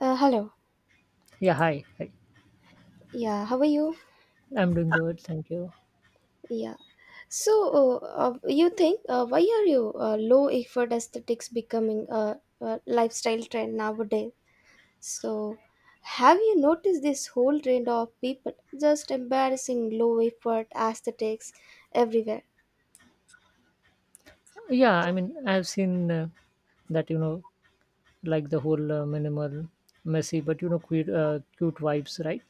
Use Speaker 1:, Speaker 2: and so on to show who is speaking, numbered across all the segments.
Speaker 1: Hello.
Speaker 2: Yeah, hi. Hi.
Speaker 1: Yeah, how are you?
Speaker 2: I'm doing good, thank you.
Speaker 1: Yeah. So, uh, you think why are you low effort aesthetics becoming a lifestyle trend nowadays? So, have you noticed this whole trend of people just embarrassing low effort aesthetics everywhere?
Speaker 2: Yeah, I mean, I've seen that you know, like the whole minimal, messy, but cute vibes, right?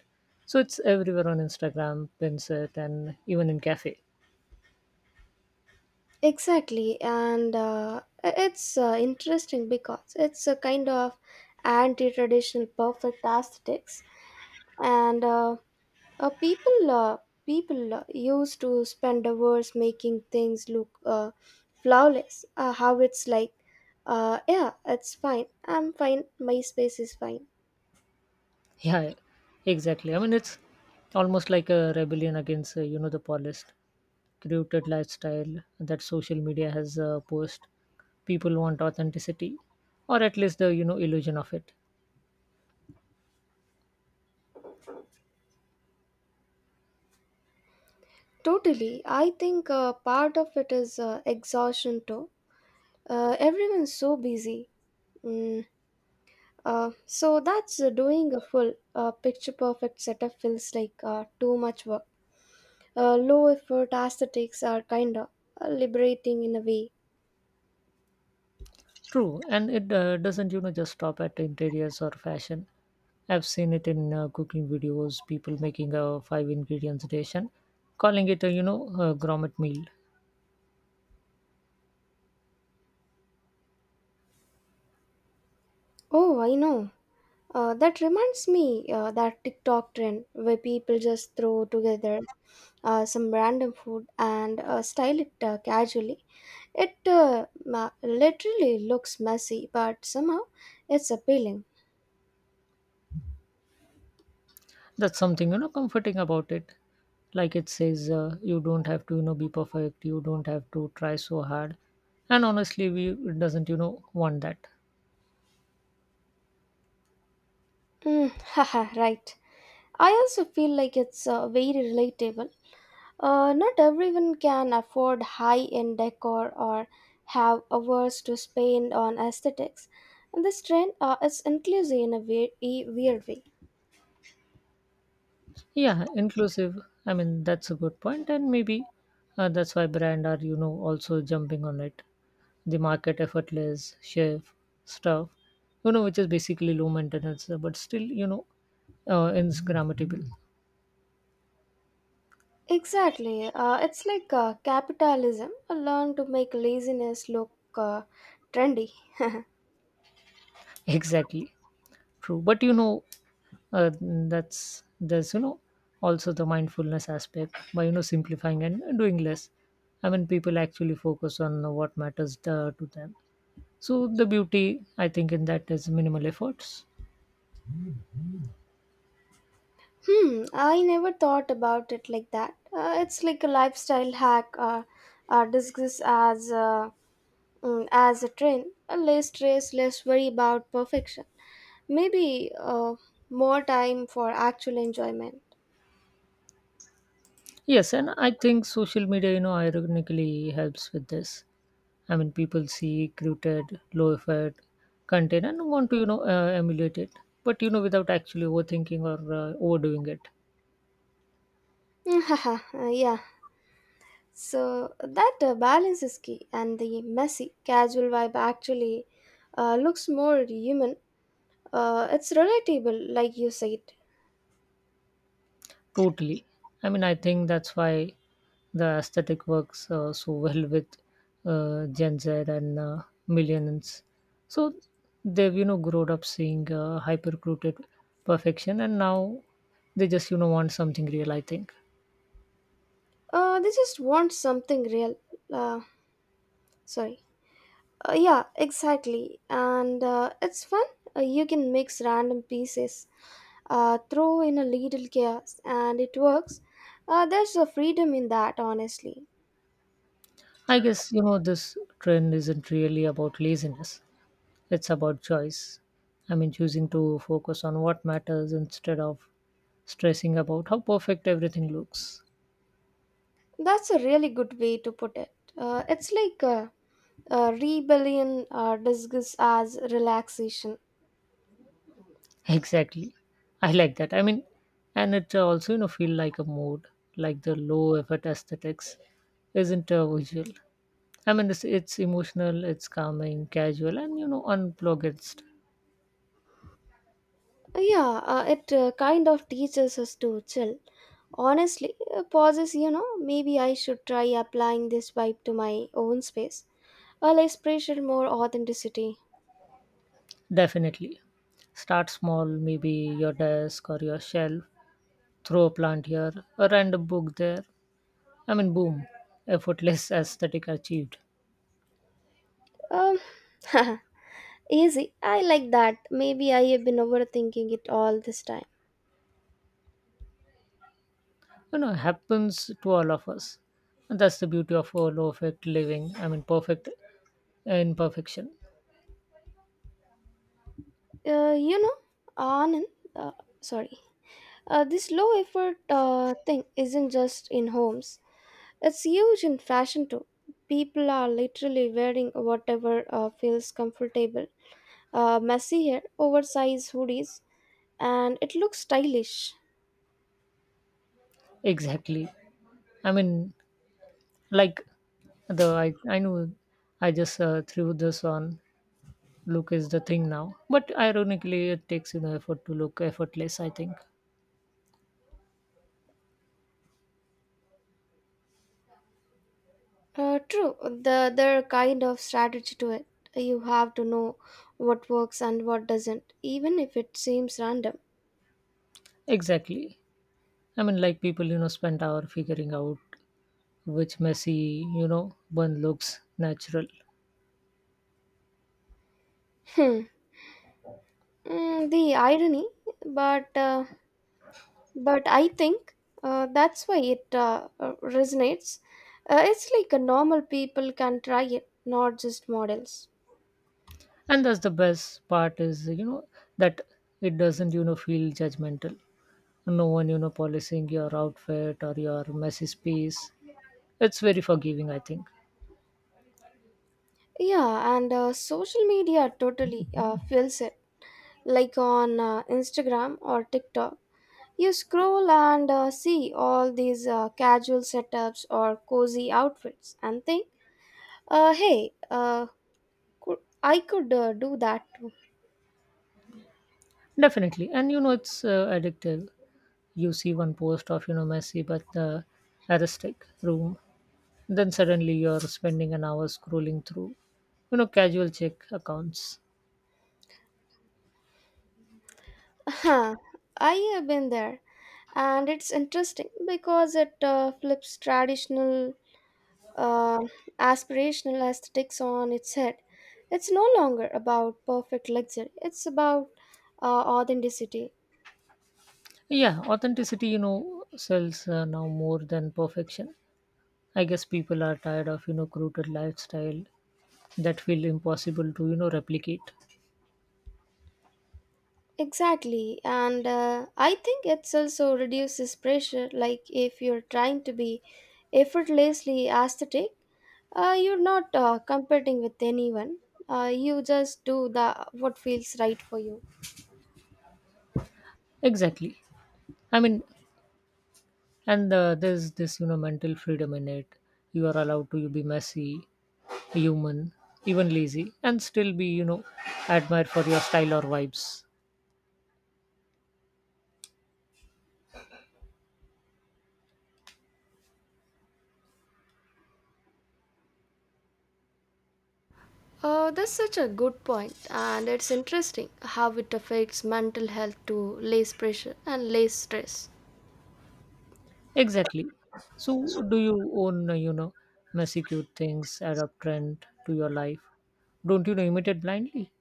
Speaker 2: So it's everywhere on Instagram, Pinterest, and even in cafe.
Speaker 1: Exactly, and it's interesting because it's a kind of anti-traditional perfect aesthetics and Uh, people uh, people used to spend hours making things look flawless. How it's like, yeah, it's fine. I'm fine. My space is fine.
Speaker 2: Yeah, exactly. I mean, it's almost like a rebellion against the polished, curated lifestyle that social media has posed. People want authenticity, or at least the illusion of it.
Speaker 1: Totally. I think part of it is exhaustion too. Everyone's so busy. Mm, so that's doing a full picture perfect setup feels like too much work. Low effort aesthetics are kinda liberating in a way.
Speaker 2: True, and it doesn't just stop at interiors or fashion. I've seen it in cooking videos, people making a five ingredients dish and calling it a a gourmet meal.
Speaker 1: Oh, I know. That reminds me that TikTok trend where people just throw together some random food and style it casually. It literally looks messy, but somehow it's appealing.
Speaker 2: That's something comforting about it. Like it says, you don't have to be perfect, you don't have to try so hard. And honestly, we doesn't want that.
Speaker 1: Mm, haha, right. I also feel like it's very relatable. Not everyone can afford high end decor or have hours to spend on aesthetics. And this trend is inclusive in a weird way.
Speaker 2: Yeah, inclusive. I mean, that's a good point, and maybe that's why brand are also jumping on it. The market effortless chef stuff, you know, which is basically low maintenance, but still Instagrammable.
Speaker 1: Exactly. It's like capitalism learned to make laziness look trendy.
Speaker 2: Exactly, true. But that's there's also the mindfulness aspect by simplifying and doing less. I mean, people actually focus on what matters to them, so the beauty I think in that is minimal efforts.
Speaker 1: Hmm, I never thought about it like that. It's like a lifestyle hack disguised as, as a trend. Less stress, less worry about perfection. Maybe more time for actual enjoyment.
Speaker 2: Yes, and I think social media, you know, ironically helps with this. I mean, people see curated low effort content and want to emulate it, but you know, without actually overthinking or overdoing it.
Speaker 1: yeah, so that balance is key, and the messy, casual vibe actually looks more human. It's relatable, like you said.
Speaker 2: Totally. I mean, I think that's why the aesthetic works so well with Gen Z and millennials. So they've grown up seeing hypercruted perfection, and now they just want something real, I think.
Speaker 1: They just want something real. Uh, Sorry. Yeah, exactly. And it's fun. You can mix random pieces, throw in a little chaos, and it works. There's a freedom in that, honestly.
Speaker 2: I guess you know this trend isn't really about laziness. It's about choice. I mean, choosing to focus on what matters instead of stressing about how perfect everything looks.
Speaker 1: That's a really good way to put it. It's like rebellion disguised as relaxation.
Speaker 2: Exactly. I like that. I mean, and it also, you know, feel like a mood, like the low effort aesthetics isn't visual. I mean, it's emotional, it's calming, casual, and, you know, unplugged.
Speaker 1: Yeah, it kind of teaches us to chill. Honestly, pauses, you know, maybe I should try applying this vibe to my own space. A less pressure, more authenticity.
Speaker 2: Definitely. Start small, maybe your desk or your shelf, throw a plant here, a random book there. I mean, boom, effortless aesthetic achieved.
Speaker 1: Um, easy. I like that. Maybe I have been overthinking it all this time.
Speaker 2: You know, happens to all of us. And that's the beauty of low effect living. I mean, perfect imperfection.
Speaker 1: You know, Anand, uh, sorry. This low effort thing isn't just in homes, it's huge in fashion too. People are literally wearing whatever feels comfortable. Messy hair, oversized hoodies, and it looks stylish.
Speaker 2: Exactly. I mean, like the I know I just threw this on. Look is the thing now, but ironically, it takes you know effort to look effortless, I think.
Speaker 1: True, there are kind of strategy to it. You have to know what works and what doesn't, even if it seems random.
Speaker 2: Exactly. I mean, like people you know spend hour figuring out which messy you know one looks natural,
Speaker 1: Hmm. Mm, the irony, but uh, but I think that's why it resonates. It's like a normal people can try it, not just models.
Speaker 2: and that's the best part is you know that it doesn't you know feel judgmental. No one you know policing your outfit or your messy space. It's very forgiving, I think.
Speaker 1: Yeah, and social media totally fills it. Like on Instagram or TikTok, you scroll and see all these casual setups or cozy outfits and think, hey, I could do that too.
Speaker 2: Definitely, and you know it's addictive. You see one post of you know Messi, but the aristic room. Then suddenly you're spending an hour scrolling through, you know, casual check accounts.
Speaker 1: Huh, I have been there. And it's interesting because it flips traditional uh, aspirational aesthetics on its head. It's no longer about perfect luxury. It's about authenticity.
Speaker 2: Yeah, authenticity, you know, sells now more than perfection. I guess people are tired of you know crude lifestyle that feel impossible to you know replicate.
Speaker 1: Exactly, and I think it also reduces pressure. Like if you're trying to be effortlessly aesthetic, you're not competing with anyone. Uh, you just do the what feels right for you.
Speaker 2: Exactly. I mean, and there's this you know mental freedom in it. You are allowed to be messy, human, even lazy, and still be, you know, admired for your style or vibes.
Speaker 1: That's such a good point, and it's interesting how it affects mental health to less pressure and less stress.
Speaker 2: Exactly. So, do you own, you know, messy cute things, adapt trend to your life? Don't you know, imitate blindly?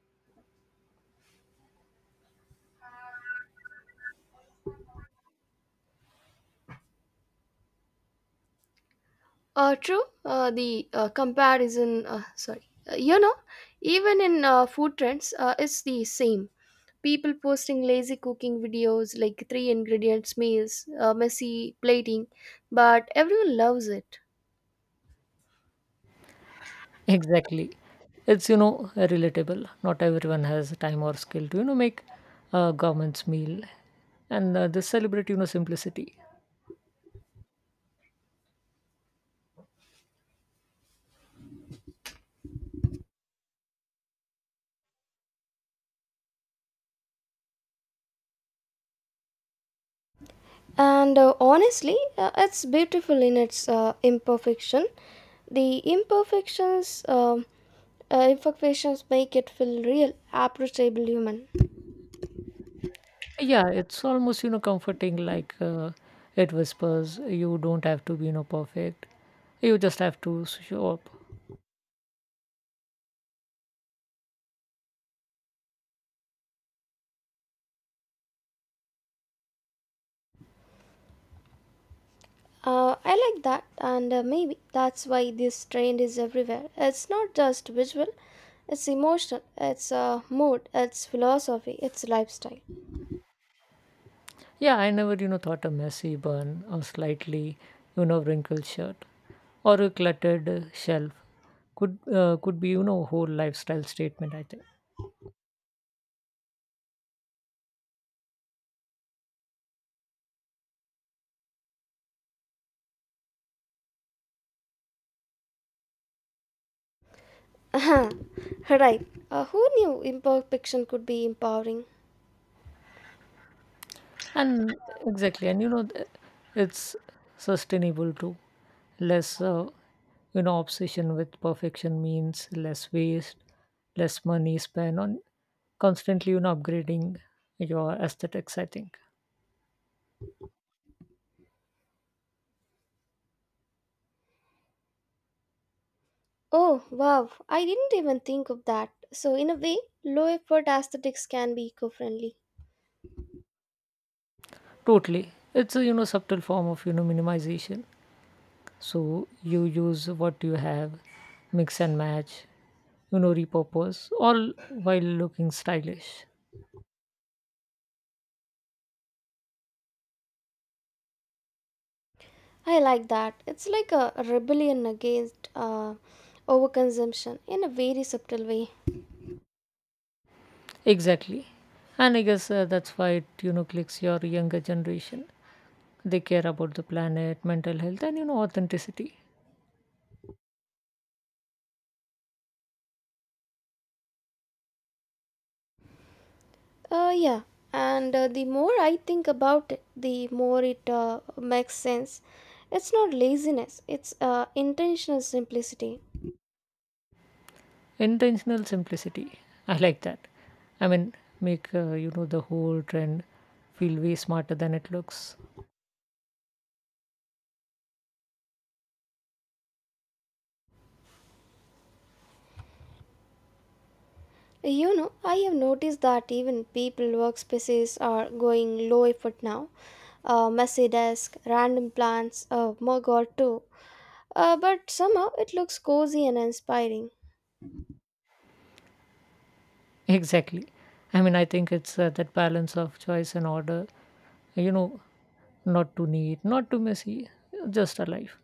Speaker 1: True, the comparison, sorry, you know, even in food trends, it's the same. People posting lazy cooking videos like three ingredients meals, messy plating, but everyone loves it.
Speaker 2: Exactly. It's, you know, relatable. Not everyone has time or skill to, you know, make a government's meal. And this celebrate, you know, simplicity.
Speaker 1: And honestly, it's beautiful in its imperfection. The imperfections, imperfections make it feel real, approachable, human.
Speaker 2: Yeah, it's almost, you know, comforting like it whispers, you don't have to be, you know, perfect. You just have to show up.
Speaker 1: I like that, and maybe that's why this trend is everywhere. It's not just visual; it's emotional, it's mood, it's philosophy, it's lifestyle.
Speaker 2: Yeah, I never, you know, thought a messy bun or slightly, you know, wrinkled shirt or a cluttered shelf could be, you know, whole lifestyle statement, I think.
Speaker 1: right? Who knew imperfection could be empowering?
Speaker 2: And exactly, and you know, it's sustainable too. Less, you know, obsession with perfection means less waste, less money spent on constantly, you know, upgrading your aesthetics, I think.
Speaker 1: Oh, wow, I didn't even think of that. So, in a way, low effort aesthetics can be eco friendly.
Speaker 2: Totally. It's a you know subtle form of you know minimization. So you use what you have, mix and match, you know, repurpose, all while looking stylish.
Speaker 1: I like that. It's like a rebellion against overconsumption in a very subtle way.
Speaker 2: Exactly. And I guess that's why it, you know, clicks your younger generation. They care about the planet, mental health, and, you know, authenticity.
Speaker 1: Yeah, and the more I think about it, the more it makes sense. It's not laziness, it's intentional simplicity.
Speaker 2: Intentional simplicity. I like that. I mean, make, you know, the whole trend feel way smarter than it looks.
Speaker 1: You know, I have noticed that even people workspaces are going low effort now. Messy desk, random plants, a mug or two. But somehow it looks cozy and inspiring.
Speaker 2: Exactly. I mean, I think it's that balance of choice and order, you know, not too neat, not too messy, just alive.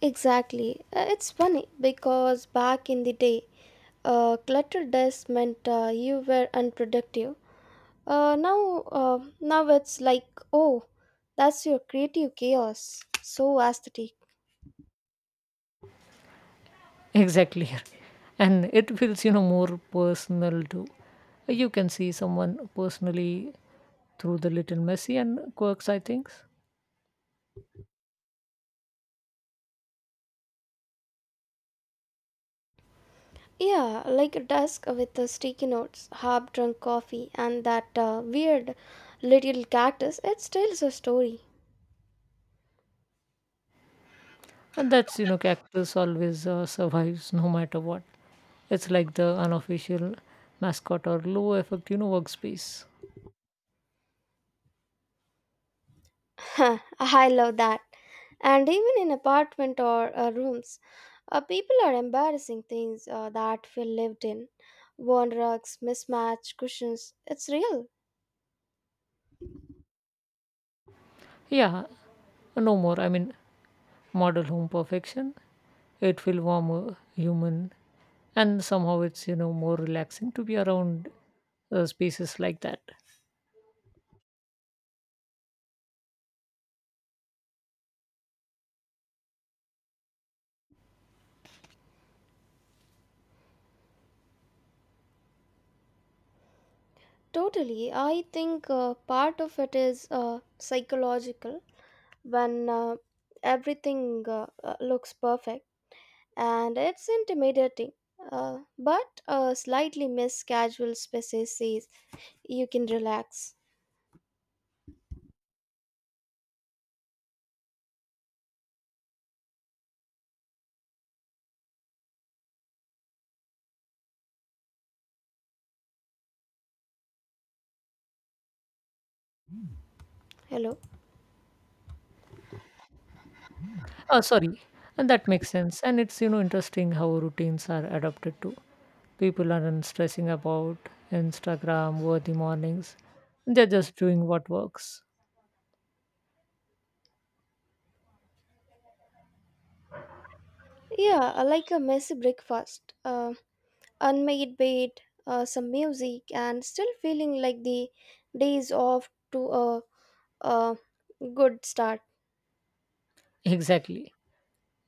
Speaker 1: Exactly. It's funny because back in the day, cluttered desk meant you were unproductive. Uh, now it's like, oh, that's your creative chaos. So aesthetic.
Speaker 2: Exactly. And it feels, you know, more personal too. You can see someone personally through the little messy and quirks, I think.
Speaker 1: Yeah, like a desk with the sticky notes, half drunk coffee, and that weird little cactus. It tells a story.
Speaker 2: And that's, you know, cactus always survives no matter what. It's like the unofficial mascot or low effect, you know, workspace.
Speaker 1: Huh, I love that. And even in apartment or rooms, people are embarrassing things that we lived in. Worn rugs, mismatched cushions. It's real.
Speaker 2: Yeah, no more. I mean, model home perfection. It feels warmer, human, and somehow it's, you know, more relaxing to be around spaces like that.
Speaker 1: Totally. I think part of it is psychological. When everything looks perfect and it's intimidating. But a slightly Miss Casual species says you can relax. Hello.
Speaker 2: Oh, sorry. And that makes sense. And it's, you know, interesting how routines are adapted to. People aren't stressing about Instagram, worthy mornings. They're just doing what works.
Speaker 1: Yeah, I like a messy breakfast, unmade bed, some music, and still feeling like the days off to a good start.
Speaker 2: Exactly.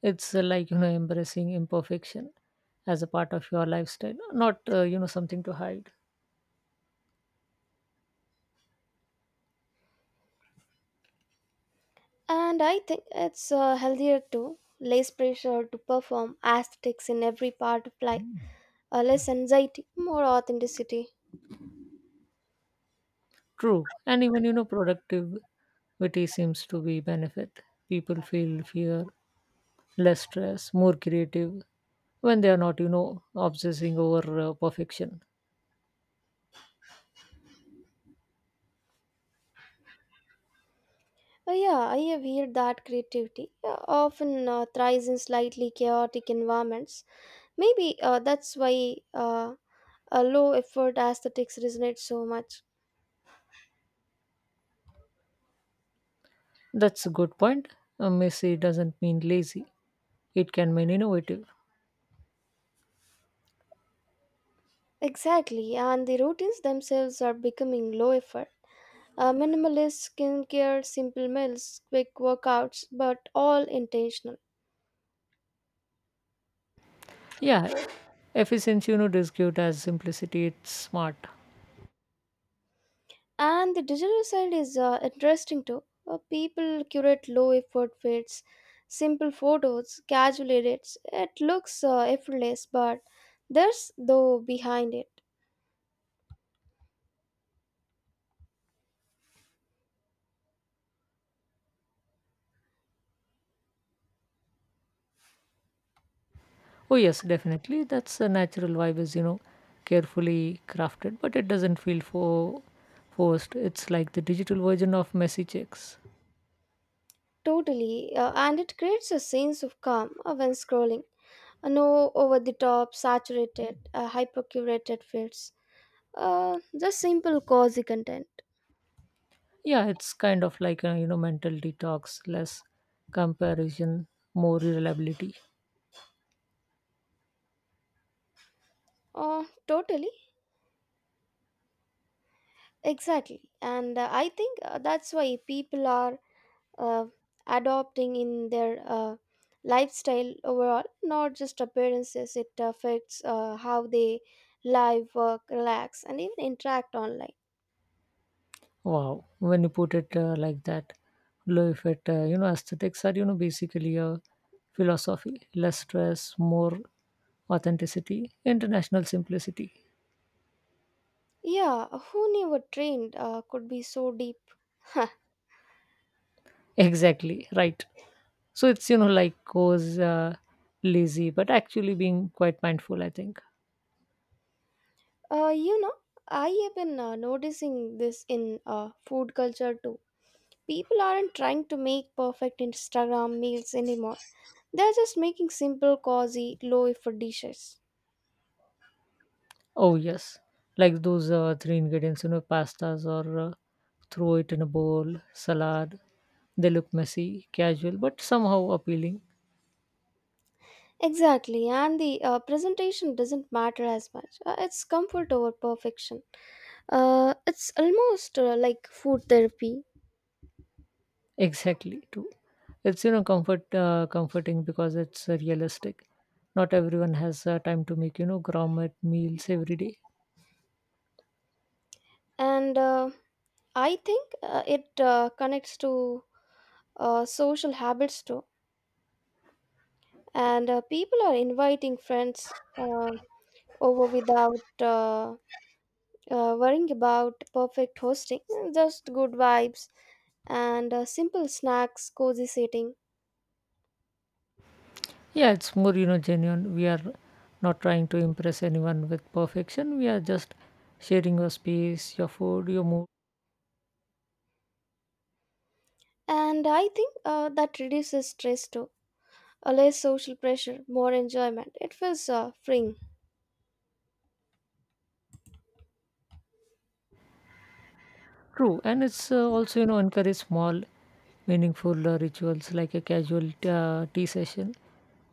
Speaker 2: It's like, you know, embracing imperfection as a part of your lifestyle, not, you know, something to hide.
Speaker 1: And I think it's healthier too. Less pressure to perform aesthetics in every part of life, less anxiety, more authenticity.
Speaker 2: True. And even, you know, productivity seems to be benefit. People feel fear, less stress, more creative when they are not, you know, obsessing over perfection.
Speaker 1: Yeah, I have heard that creativity often thrives in slightly chaotic environments. Maybe that's why a low effort aesthetics resonate so much.
Speaker 2: That's a good point. Messy doesn't mean lazy. It can mean innovative.
Speaker 1: Exactly, and the routines themselves are becoming low effort. Minimalist skincare, simple meals, quick workouts, but all intentional.
Speaker 2: Yeah, efficiency, you know, is good as simplicity. It's smart.
Speaker 1: And the digital side is interesting too. People curate low effort fits, simple photos, casual edits. It looks effortless, but there's though behind it.
Speaker 2: Oh yes, definitely. That's a natural vibe is you know, carefully crafted, but it doesn't feel forced. It's like the digital version of messy checks.
Speaker 1: Totally, and it creates a sense of calm when scrolling. No over the top, saturated, hyper curated feeds. Just simple, cozy content.
Speaker 2: Yeah, it's kind of like a you know mental detox, less comparison, more reliability.
Speaker 1: Uh, totally, exactly. And I think that's why people are uh, adopting in their lifestyle overall, not just appearances. It affects how they live, work, relax, and even interact online.
Speaker 2: Wow, when you put it like that, low effect, you know, aesthetics are, you know, basically a philosophy less stress, more authenticity, international simplicity.
Speaker 1: Yeah, who never trained could be so deep?
Speaker 2: Exactly, right. So it's, you know, like goes lazy, but actually being quite mindful, I think.
Speaker 1: You know, I have been noticing this in food culture too. People aren't trying to make perfect Instagram meals anymore. They're just making simple, cozy, low effort dishes.
Speaker 2: Oh, yes, like those three ingredients, you know, pastas or throw it in a bowl, salad. They look messy, casual, but somehow appealing.
Speaker 1: Exactly, and the presentation doesn't matter as much. It's comfort over perfection. It's almost like food therapy,
Speaker 2: Exactly, too. It's you know comforting because it's realistic. Not everyone has time to make you know gourmet meals every day.
Speaker 1: and I think it connects to social habits too. And people are inviting friends uh, over without worrying about perfect hosting. Just good vibes and simple snacks, cozy sitting,
Speaker 2: Yeah, it's more you know genuine. We are not trying to impress anyone with perfection. We are just sharing your space, your food, your mood.
Speaker 1: and I think that reduces stress too, less social pressure, more enjoyment. It feels freeing.
Speaker 2: True, and it's also you know encourage small, meaningful rituals like a casual tea session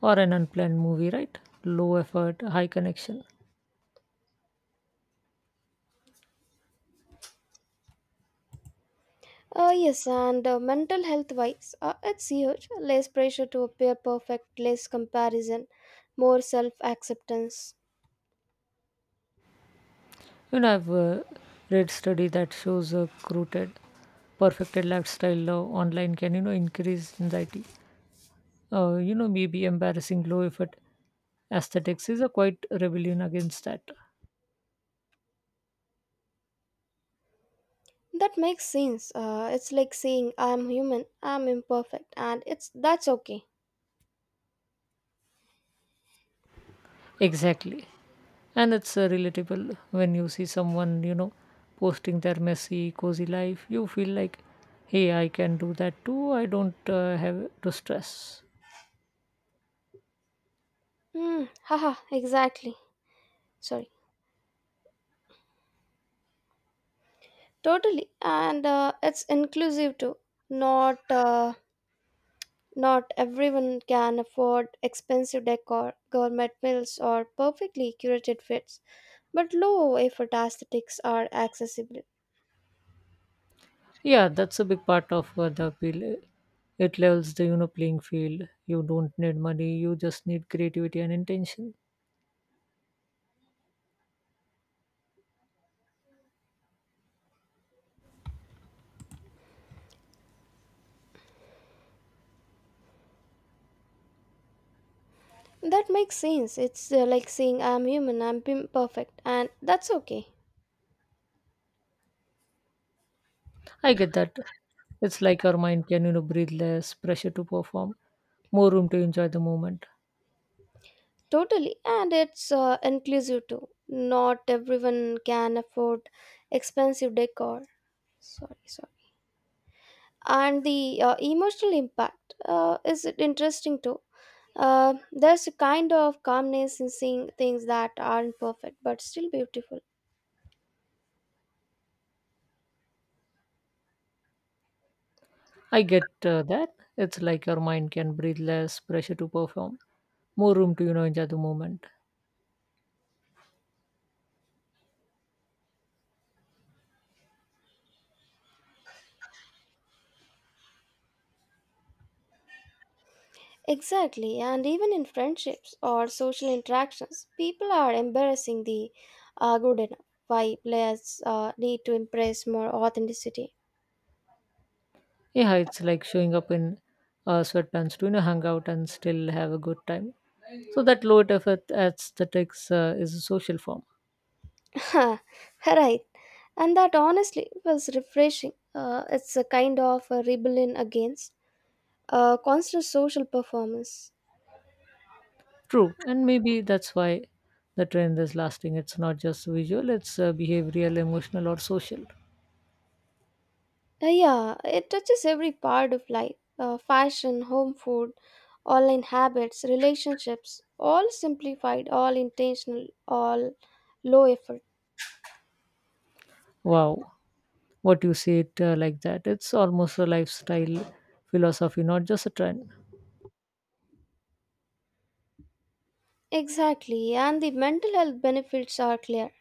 Speaker 2: or an unplanned movie, right? Low effort, high connection.
Speaker 1: Yes, and mental health wise, it's huge. Less pressure to appear perfect, less comparison, more self acceptance.
Speaker 2: You know, I've read study that shows a cruted, perfected lifestyle online can you know increase anxiety. You know, maybe embarrassing low effort aesthetics is a quite rebellion against that.
Speaker 1: That makes sense. It's like saying, I'm human, I'm imperfect, and it's that's okay.
Speaker 2: Exactly, and it's relatable when you see someone you know posting their messy, cozy life. You feel like, hey, I can do that too. I don't have to stress.
Speaker 1: Hmm, haha, exactly. Sorry. Totally. And it's inclusive too, not uh, not everyone can afford expensive decor, gourmet meals, or perfectly curated fits, but low effort aesthetics are accessible.
Speaker 2: Yeah, that's a big part of the appeal. Eh, it levels the you know playing field. You don't need money. You just need creativity and intention.
Speaker 1: That makes sense. It's like saying I'm human, I'm perfect, and that's okay.
Speaker 2: I get that. It's like our mind can you know breathe less pressure to perform, more room to enjoy the moment.
Speaker 1: Totally, and it's inclusive too. Not everyone can afford expensive decor. Sorry, sorry. And the emotional impact is interesting too. There's a kind of calmness in seeing things that aren't perfect but still beautiful.
Speaker 2: I get that. It's like your mind can breathe less pressure to perform, more room to you know enjoy the moment.
Speaker 1: Exactly, and even in friendships or social interactions, people are embarrassing the good enough. Why players need to impress more authenticity.
Speaker 2: Yeah, it's like showing up in sweatpants to you know hang out and still have a good time. So that low effort as the text is a social form.
Speaker 1: right, and that honestly was refreshing. It's a kind of a rebellion against constant social performance.
Speaker 2: True, and maybe that's why the trend is lasting. It's not just visual, it's behavioral, emotional, or social.
Speaker 1: Yeah, it touches every part of life, fashion, home food, online habits, relationships, all simplified, all intentional, all low effort.
Speaker 2: Wow, what you say it like that. It's almost a lifestyle philosophy, not just a trend.
Speaker 1: Exactly, and the mental health benefits are clear.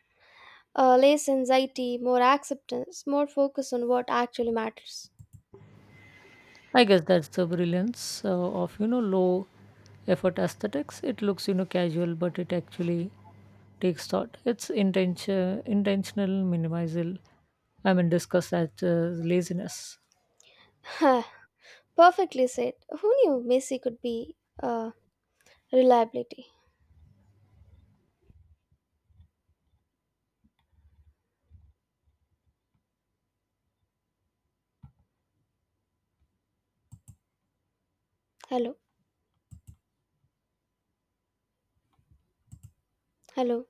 Speaker 1: Less anxiety, more acceptance, more focus on what actually matters.
Speaker 2: I guess that's the brilliance of you know low effort aesthetics. It looks you know casual, but it actually takes thought. It's intention, intentional minimizal. I mean, discussed as laziness.
Speaker 1: Huh, perfectly said. Who knew Messi could be uh, reliability? Hello, hello.